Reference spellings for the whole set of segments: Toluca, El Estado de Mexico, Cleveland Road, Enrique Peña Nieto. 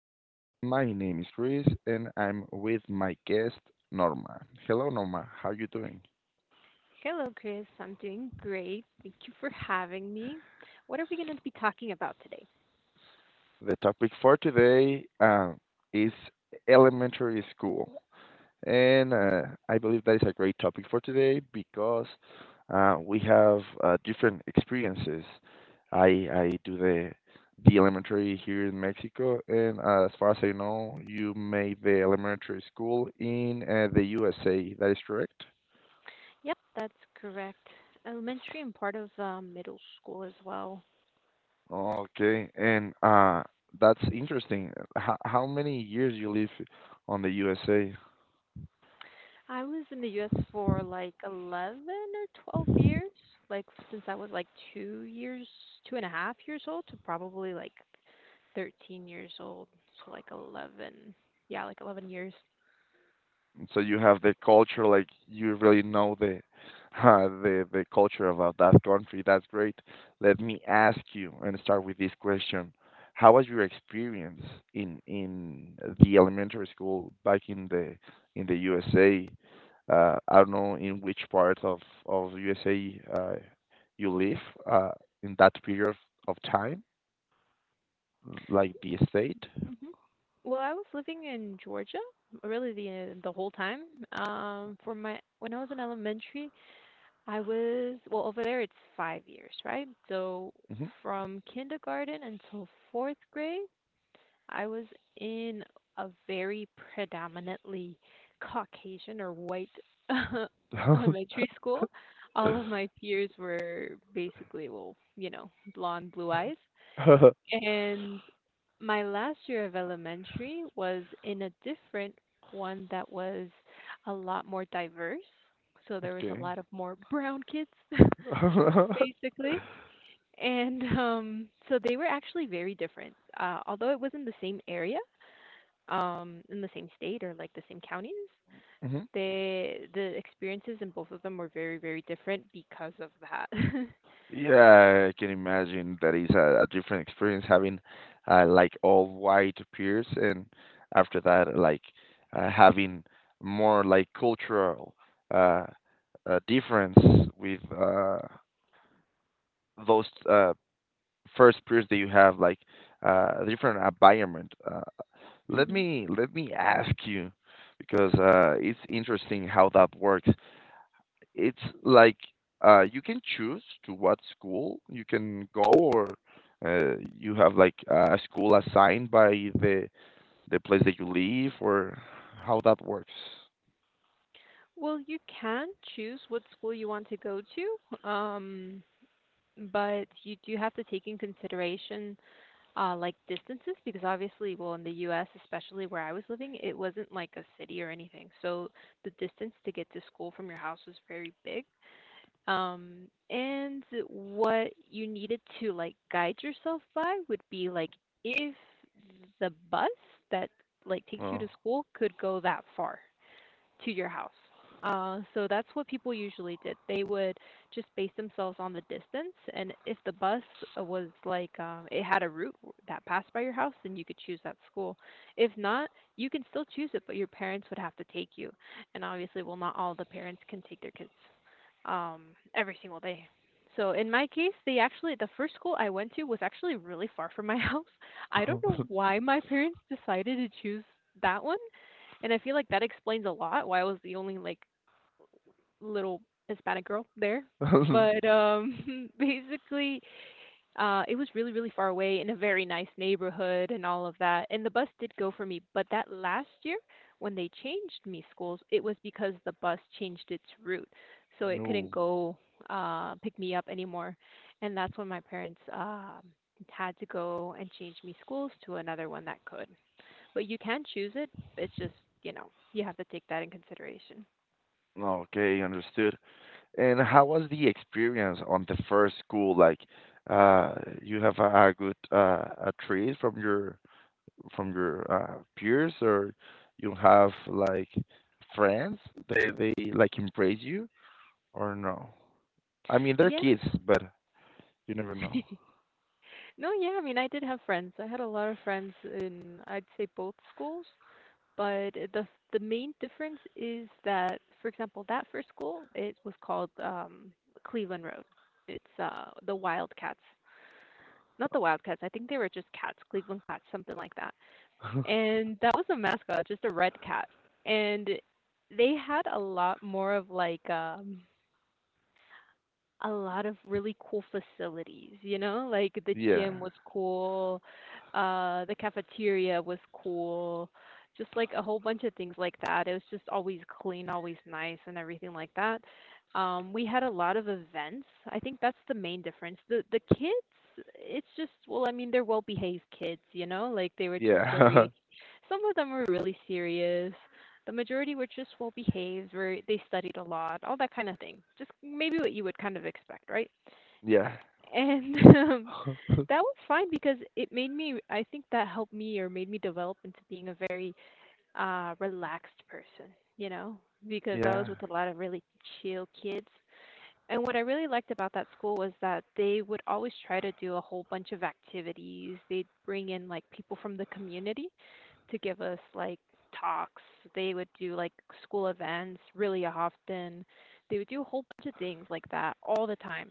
podcast. My name is Chris and I'm with my guest Norma. Hello Norma, how are you doing? Hello, Chris. I'm doing great. Thank you for having me. What are we going to be talking about today? The topic for today is elementary school. And I believe that is a great topic for today because we have different experiences. I do the elementary here in Mexico, and as far as I know, you made the elementary school in the USA. That is correct. Yep, that's correct. Elementary and part of middle school as well. Okay, and that's interesting. How many years you live on the USA? I was in the US for like 11 or 12 years, like since I was like 2 years, two and a half years old to probably like 13 years old. So like 11, yeah, like 11 years. So you have the culture, like, you really know the the culture about that country. That's great. Let me ask you and start with this question. How was your experience in the elementary school back in the USA? I don't know in which part of USA you live uh, in that period of time, like the state. Mhm. Well, I was living in Georgia, really the whole time. For my When I was in elementary, I was well over there. It's 5 years, right? So Hmm from kindergarten until fourth grade, I was in a very predominantly Caucasian or white elementary school. All of my peers were basically, well, blonde, blue eyes. And my last year of elementary was in a different one that was a lot more diverse. So there was a okay lot of more brown kids, basically. And so they were actually very different. Although it was in the same area, in the same state or like the same counties, hmm the experiences in both of them were very, very different because of that. Yeah, I can imagine that is a different experience having like all white peers, and after that, like having more like cultural uh, difference with those first peers that you have, like a different environment. Uh, let Hmm. me let me ask you, because it's interesting how that works. It's like you can choose to what school you can go, or you have like a school assigned by the the place that you live, or how that works. Well, you can choose what school you want to go to, but you do have to take in consideration like distances because obviously, well, in the U.S., especially where I was living, it wasn't like a city or anything. So the distance to get to school from your house was very big. Um, and what you needed to like guide yourself by would be like if the bus that like takes you Oh. to school could go that far to your house. So that's what people usually did. They would just base themselves on the distance, and if the bus was like it had a route that passed by your house, then you could choose that school. If not, you can still choose it, but your parents would have to take you. And obviously, well, not all the parents can take their kids um, every single day. So in my case, the first school I went to was actually really far from my house. I don't know why my parents decided to choose that one, and I feel like that explains a lot why I was the only like little Hispanic girl there. But basically it was really really far away in a very nice neighborhood and all of that. And the bus did go for me, but that last year when they changed me schools, it was because the bus changed its route. So it couldn't No. go pick me up anymore. And that's when my parents had to go and change me schools to another one that could. But you can choose it. It's just, you have to take that in consideration. Okay, understood. And how was the experience on the first school? Like, uh, you have a good a treat from your peers, or you have like friends, they like embrace you, or no? I mean, they're Yeah. kids, but you never know. No, yeah, I mean, I did have friends. I had a lot of friends in, I'd say, both schools. But the main difference is that, for example, that first school, it was called Cleveland Road. It's the Wildcats. Not the Wildcats. I think they were just cats, Cleveland cats, something like that. And that was a mascot, just a red cat. And they had a lot more of like a lot of really cool facilities, you know? Like the Yeah gym was cool, the cafeteria was cool, just like a whole bunch of things like that. It was just always clean, always nice and everything like that. We had a lot of events. I think that's the main difference. The kids, it's just well, I mean, they're well-behaved kids, you know? Like they were just yeah very some of them were really serious. The majority were just well behaved, where they studied a lot, all that kind of thing. Just maybe what you would kind of expect, right? yeah And that was fine because it made me, I think that helped me or made me develop into being a very relaxed person, you know, because I was yeah with a lot of really chill kids and what I really liked about that school was that they would always try to do a whole bunch of activities. They'd bring in like people from the community to give us like talks. They would do like school events really often. They would do a whole bunch of things like that all the time.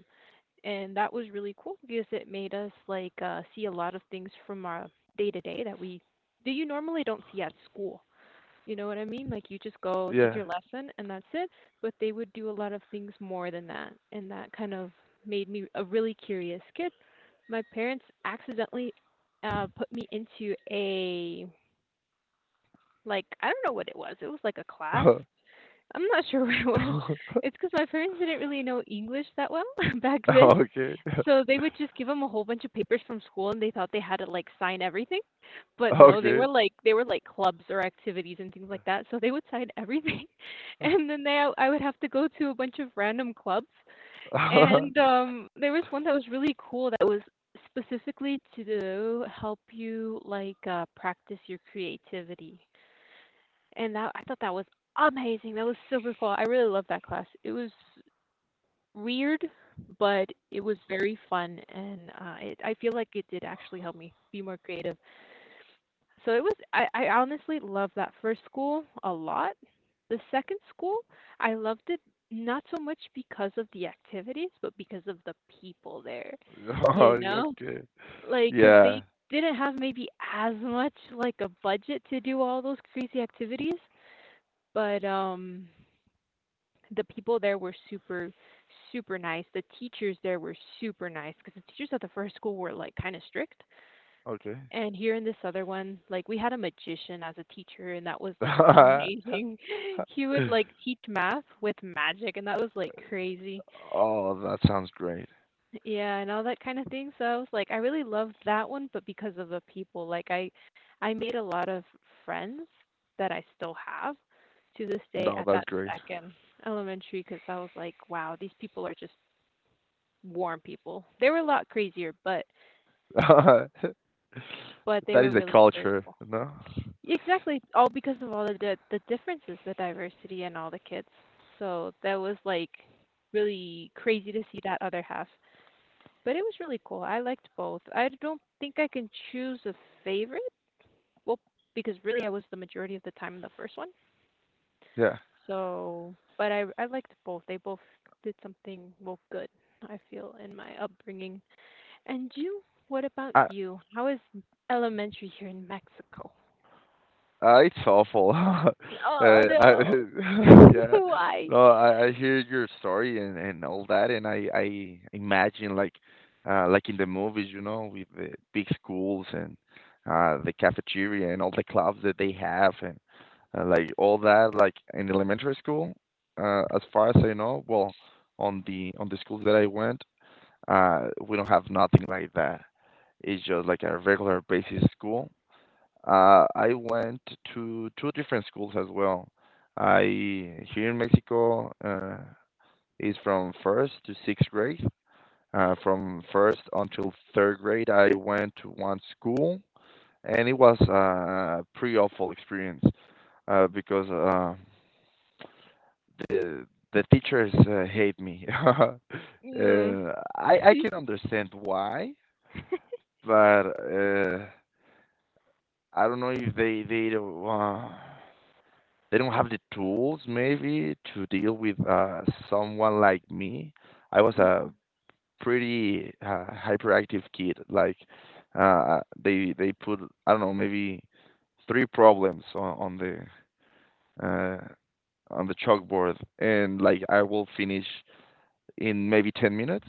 And that was really cool because it made us like see a lot of things from our day to day that you normally don't see at school. You know what I mean? Like you just go take yeah your lesson and that's it. But they would do a lot of things more than that. And that kind of made me a really curious kid. My parents accidentally put me into a, like, I don't know what it was. It was like a class. I'm not sure what it was. It's because my parents didn't really know English that well back then. okay So they would just give them a whole bunch of papers from school, and they thought they had to, like, sign everything, but no, okay they were like clubs or activities and things like that, so they would sign everything, and then they I would have to go to a bunch of random clubs, and, there was one that was really cool that was specifically to help you, like, practice your creativity, and that I thought that was amazing, that was super cool, I really loved that class, it was weird, but it was very fun, and, it I feel like it did actually help me be more creative. So it was I honestly loved that first school a lot. The second school, I loved it not so much because of the activities, but because of the people there, you Oh, know? okay. Like, 'cause they yeah didn't have maybe as much, like, a budget to do all those crazy activities, but, the people there were super super nice. The teachers there were super nice because the teachers at the first school were like kind of strict. okay And here in this other one, like, we had a magician as a teacher, and that was like amazing. He would like teach math with magic, and that was like crazy. oh, that sounds great. Yeah, and all that kind of thing, so I was like, I really loved that one, but because of the people, like, I made a lot of friends that I still have to this day no, at that's that great. second elementary because I was like, wow, these people are just warm people. They were a lot crazier, but they That were is the really really culture, cool. no? Exactly, all because of all the differences, the diversity, and all the kids. So that was like really crazy to see that other half. But it was really cool. I liked both. I don't think I can choose a favorite. Well, because really I was the majority of the time in the first one. Yeah. So, but I liked both. They both did something well good. I feel in my upbringing. And you, what about I you? How is elementary here in Mexico? It's awful. Oh I no. yeah. Why? No, I hear your story and all that, and I imagine like in the movies, you know, with the big schools and the cafeteria and all the clubs that they have and like all that, like in elementary school. As far as I know, well, on the schools that I went, we don't have nothing like that. It's just like a regular basic school. I went to two different schools as well. I here in Mexico is from first to sixth grade. From first until third grade, I went to one school, and it was a pretty awful experience because the teachers hate me. Mm, I can understand why, but. I don't know if they don't, they don't have the tools maybe to deal with someone like me. I was a pretty hyperactive kid. Like they put, I don't know, maybe three problems uh, on the chalkboard, and like I will finish in maybe 10 minutes,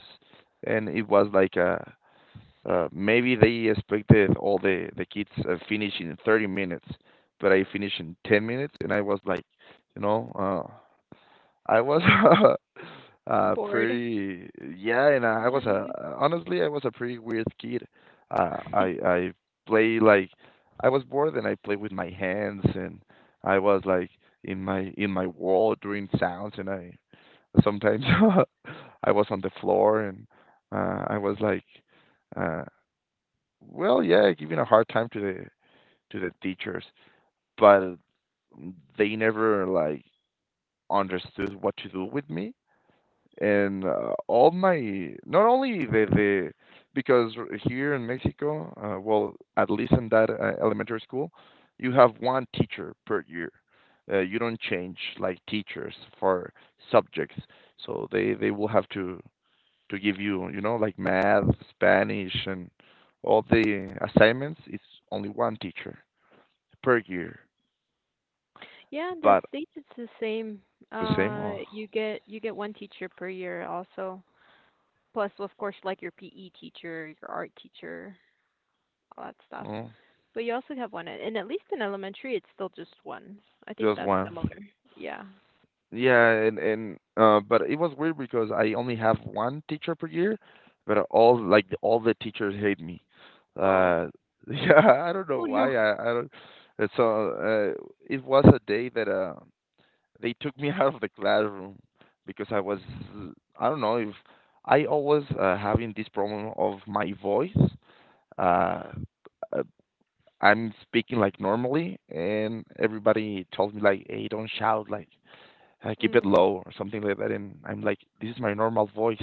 and it was like a maybe they expected all the kids finish in 30 minutes, but I finished in 10 minutes, and I was like, you know, I was bored. pretty yeah, and I was a Mm. honestly I was a pretty weird kid. I play, like, I was bored, and I play with my hands, and I was like, in my wall doing sounds, and I sometimes I was on the floor, and I was like. Uh, well, yeah, giving a hard time to the teachers, but they never like understood what to do with me. And all my, not only the because here in Mexico, well, at least in that elementary school, you have one teacher per year. You don't change like teachers for subjects, so they will have to give you, you know, like math, Spanish, and all the assignments. It's only one teacher per year. Yeah, the But States it's the same. the same, oh, You get one teacher per year also. Plus, of course, like your PE teacher, your art teacher, all that stuff. oh, But you also have one, and at least in elementary, it's still just one. I think just that's one. similar. Yeah. Yeah, and but it was weird because I only have one teacher per year, but all, like, all the teachers hate me. Oh, Uh, yeah, I don't know oh no. why. I don't. And So uh, it was a day that they took me out of the classroom because I was, I don't know if, I always having this problem of my voice. Uh, uh, I'm speaking like normally, and everybody told me like, "Hey, don't shout! Like, keep it Mm. low or something like that." And I'm like, "This is my normal voice."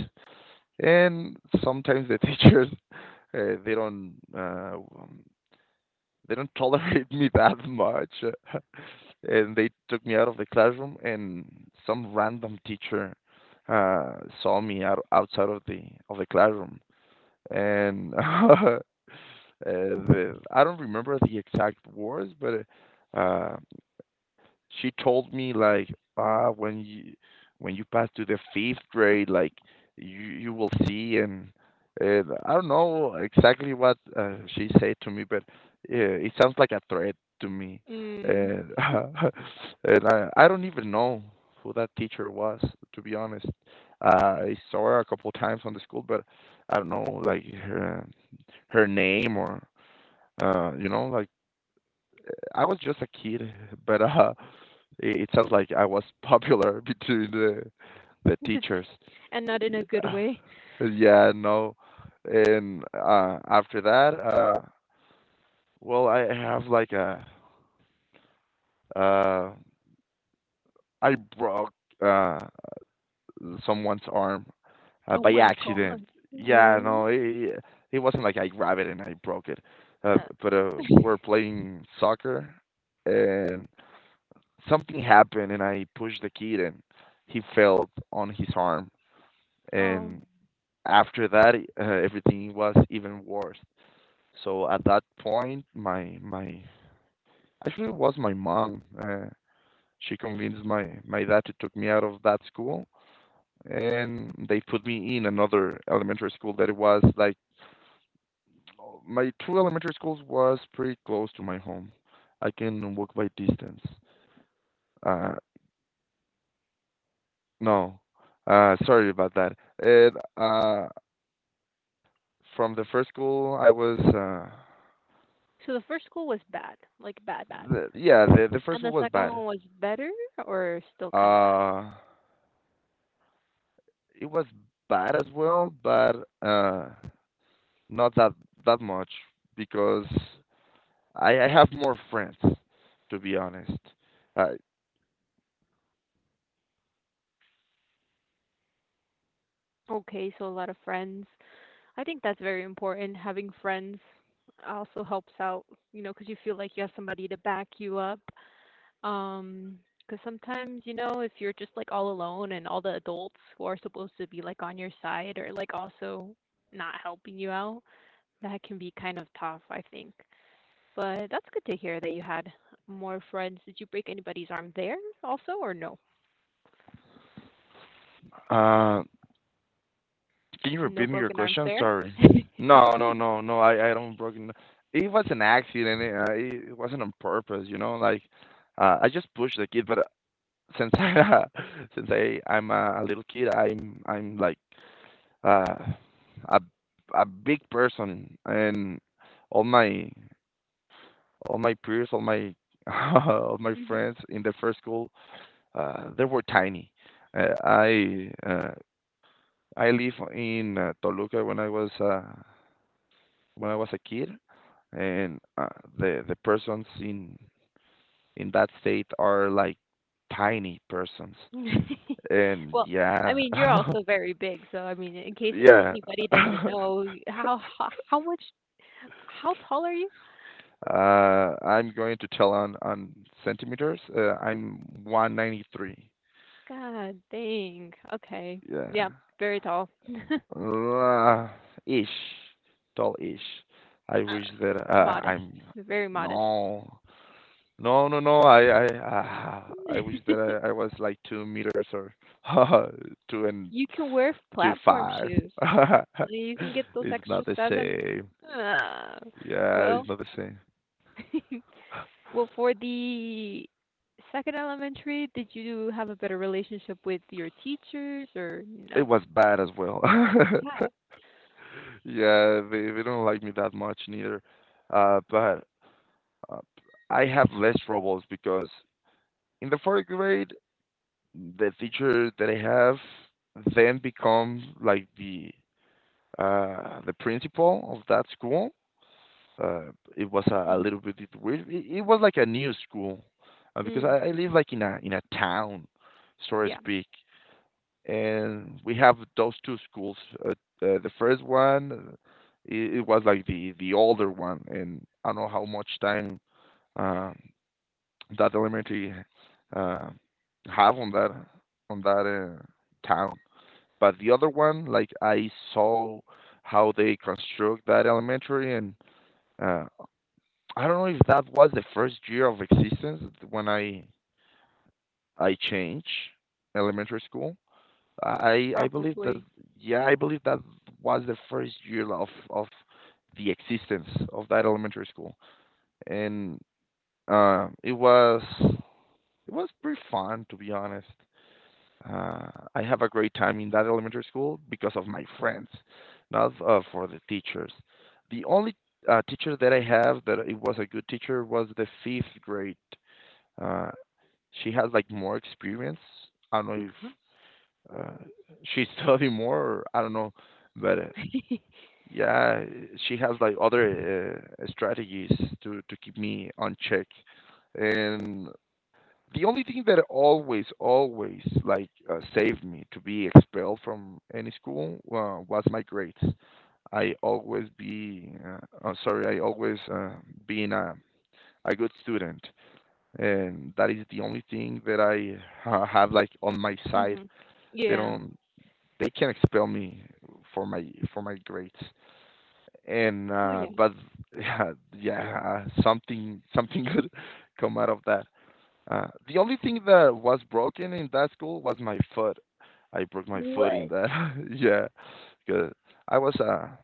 And sometimes the teachers, uh, they don't. Uh, they don't tolerate me that much. And they took me out of the classroom, and some random teacher saw me out, outside of the classroom, and the, I don't remember the exact words, but uh, she told me like, ah, when you, when you pass to the fifth grade, like, you will see. And I don't know exactly what she said to me, but it sounds like a threat to me. Mm. and, and I don't even know who that teacher was, to be honest. I saw her a couple of times on the school, but I don't know, like, her, her name or you know, like, I was just a kid. But it, it sounds like I was popular between the teachers. And not in a good way. Yeah, no. And after that, well, I have like a uh, I broke uh, someone's arm Oh by my accident. God. Yeah, What? no, it wasn't like I grabbed it and I broke it. Uh, But we were playing soccer, and something happened, and I pushed the kid, and he fell on his arm. oh. And After that, everything was even worse. So at that point, my, actually it was my mom. She convinced my dad to took me out of that school, and they put me in another elementary school that it was like, my two elementary schools was pretty close to my home. I can walk by distance. Uh, no, sorry about that. It, from the first school, I was, So the first school was bad, like bad, bad. the, yeah, the first And school the was second bad. one was better or still kind of bad? Uh, it was bad as well, but not that much, because I have more friends, to be honest. Uh, Okay, so a lot of friends. I think that's very important. Having friends also helps out, because you feel like you have somebody to back you up. Um. Because sometimes, if you're just like all alone and all the adults who are supposed to be like on your side or like also not helping you out, that can be kind of tough, I think. But that's good to hear that you had more friends. Did you break anybody's arm there also, or no? uh, can you No repeat me your broken arms question? there? Sorry. No, no, no, no. I don't broken. It was an accident. It, it it wasn't on purpose, you know. Like, I just pushed the kid, but since I, since I'm a little kid, I'm like uh, a big person, and all my, all my peers, all my all my Hmm. friends in the first school, they were tiny. Uh, I uh, I live in Toluca when I was a kid, and the persons in that state are like tiny persons, and Well, I yeah, mean, you're also very big, so I mean, in case yeah. anybody doesn't know, how tall are you? I'm going to tell on centimeters. I'm 193. God dang. Okay. Yeah, Yeah, very tall. uh, ish, tall ish. I Uh, wish that Modest. I'm, Very modest. no, no, no, no. I wish that I was like 2 meters, or two and You can wear two platform five. shoes. Well, you can get those It's not extra the seven. same. Ah, Yeah, it's well, not the same. well, for the second elementary, did you have a better relationship with your teachers or It not? was bad as well. Yeah, they don't like me that much neither. But uh, I have less troubles because in the fourth grade, the teacher that I have then becomes like the principal of that school. It was a Mhm. little bit weird. It was like a new school, because Mm, I live like in a town, so to yeah, speak. And we have those two schools. The first one, it, it was like the older one, and I don't know how much time uh, that elementary uh, have on that town. But the other one, like, I saw how they construct that elementary, and uh, I don't know if that was the first year of existence when I changed elementary school. I believe that, probably. yeah, I believe that was the first year of the existence of that elementary school, and it was, it was pretty fun, to be honest. Uh, I have a great time in that elementary school because of my friends, not for the teachers. The only teacher that I have that it was a good teacher was the fifth grade. Uh, she has like more experience. I don't know if uh, she study more. I don't know, but yeah, she has like other strategies to keep me on check. And the only thing that always, always like saved me to be expelled from any school was my grades. I always be oh, sorry, I always being a good student, and that is the only thing that I have like on my side. Mhm. They Yeah. don't They can expel me for my for my grades and Well, yeah. but yeah yeah something good come out of that. The only thing that was broken in that school was my foot. I broke my foot in What? that. Yeah, because i was a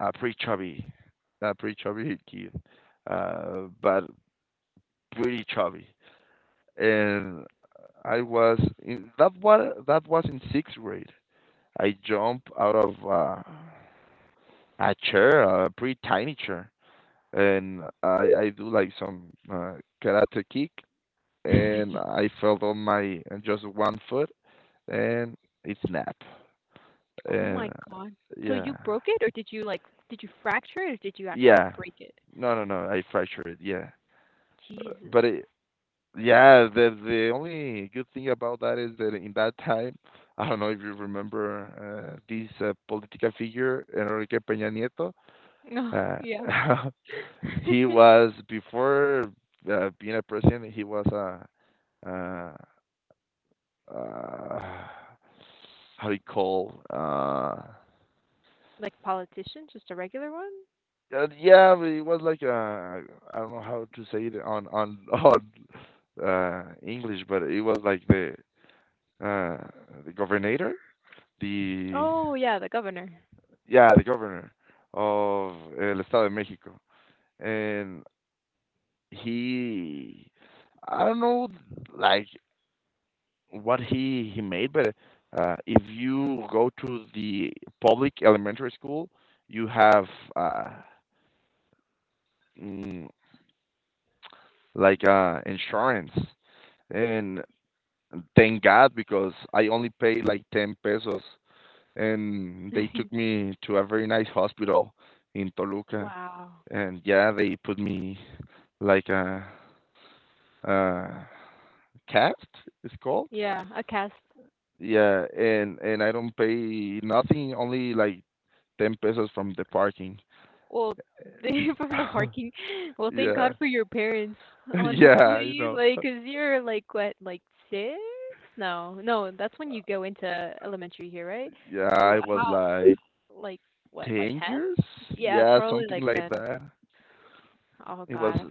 a pretty chubby, a pretty chubby kid, but pretty chubby. And I was in that was in sixth grade. I jumped out of a chair, a pretty tiny chair, and I do like some karate kick, and I fell on my on just one foot, and it snapped. Oh And my God. So you yeah, broke it, or did you like, did you fracture it, or did you actually yeah, break it? no, I fractured it. Yeah, Uh, Jesus. but it, yeah, the only good thing about that is that in that time, I don't know if you remember this political figure Enrique Peña Nieto. No, yeah. Uh, He was before being a president. He was a uh, uh, how do you call Like politician, just a regular one? Yeah, but it was like a, I don't know how to say it on on English, but it was like uh the governor, the Oh, yeah, the governor. yeah, the governor of El Estado de Mexico. And he, I don't know, like what he made, but if you go to the public elementary school, you have uh, mm, like insurance, and thank God because I only pay like ten pesos, and they took me to a very nice hospital in Toluca, Wow. and yeah, they put me like a cast, it's called. Yeah, a cast. Yeah, and I don't pay nothing, only like 10 pesos from the parking. Well, they from the parking. Well, thank Yeah. God for your parents, honestly. Yeah, you know. Like, 'cause you're like what, like six? No, no, that's when you go into elementary here, right? Yeah, I was How, like like what, like 10 10? years? Yeah, Yeah, probably something like like 10. that. Oh It was God.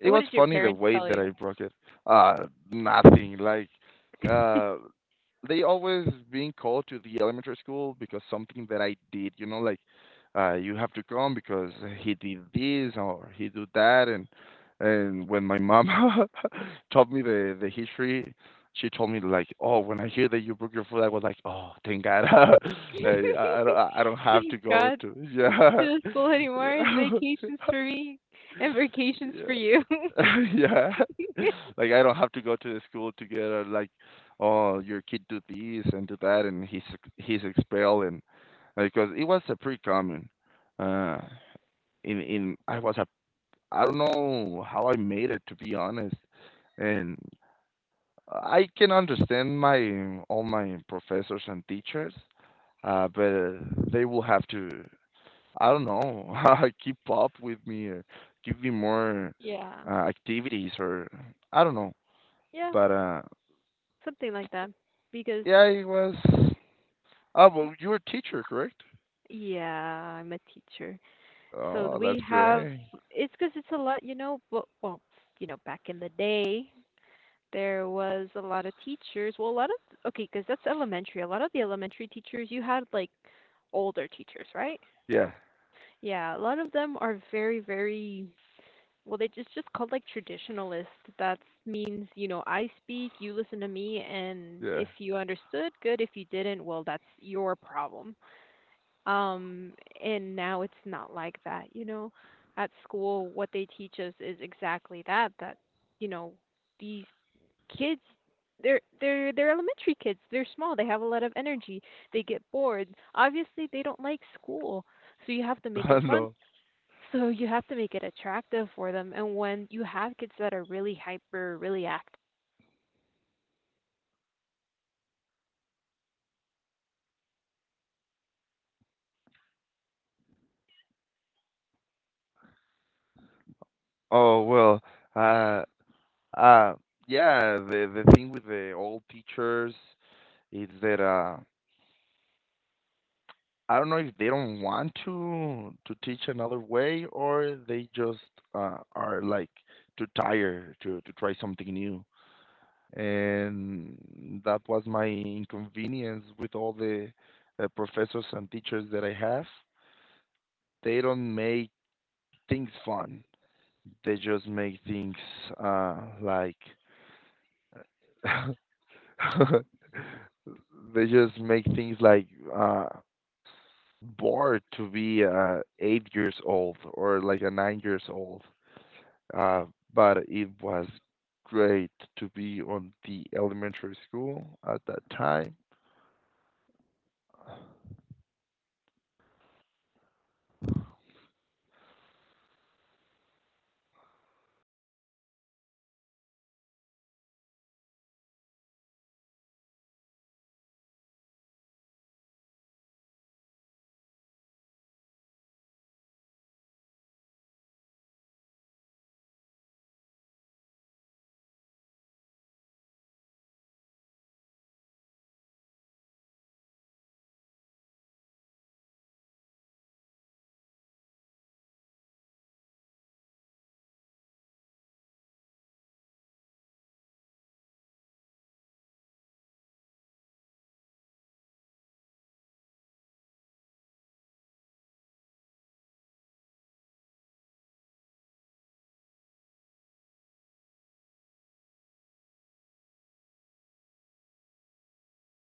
It And what was did your funny the parents way tell that I you? broke it. Uh, Nothing, like uh, they always being called to the elementary school because something that I did, you know, like you have to come because he did this or he did that, and when my mom taught me the history, she told me like, oh, when I hear that you broke your foot, I was like, oh, thank God, I I, I don't have Thank to go God to to the yeah. school anymore. It's vacations for me and vacations for you. Yeah. Yeah. Like, I don't have to go to the school to get a, like, oh, your kid do this and do that, and he's expelled, and because it was a pretty common. Uh, in I was a, I don't know how I made it to be honest, and I can understand my all my professors and teachers, but they will have to, I don't know. Keep up with me or give me more Yeah. Activities or I don't know. Yeah, But something like that. Because, yeah, it was. Oh, well, you were a teacher, correct? yeah, I'm a teacher. So Oh, that's we have, great. it's because it's a lot, well, back in the day, there was a lot of teachers. Well, a lot of, okay, because that's elementary. A lot of the elementary teachers, you had like older teachers, right? Yeah, Yeah, a lot of them are very, very, well, they just called like traditionalist. That means, I speak, you listen to me, and yeah. if you understood, good. If you didn't, well, that's your problem. Um, and now it's not like that. At school, what they teach us is exactly that, you know, these kids, they're elementary kids. They're small. They have a lot of energy. They get bored. Obviously, they don't like school. So you have to make it I fun. know. So you have to make it attractive for them. And when you have kids that are really Oh well. Uh, uh, yeah. The thing with the old teachers is that I don't know if they don't want to teach another way or they just are like too tired to try something new. And that was my inconvenience with all the professors and teachers that I have. They don't make things fun. They just make things uh, like they just make things like uh, bored to be 8 years old or like a 9 years old. Uh, but it was great to be on the elementary school at that time.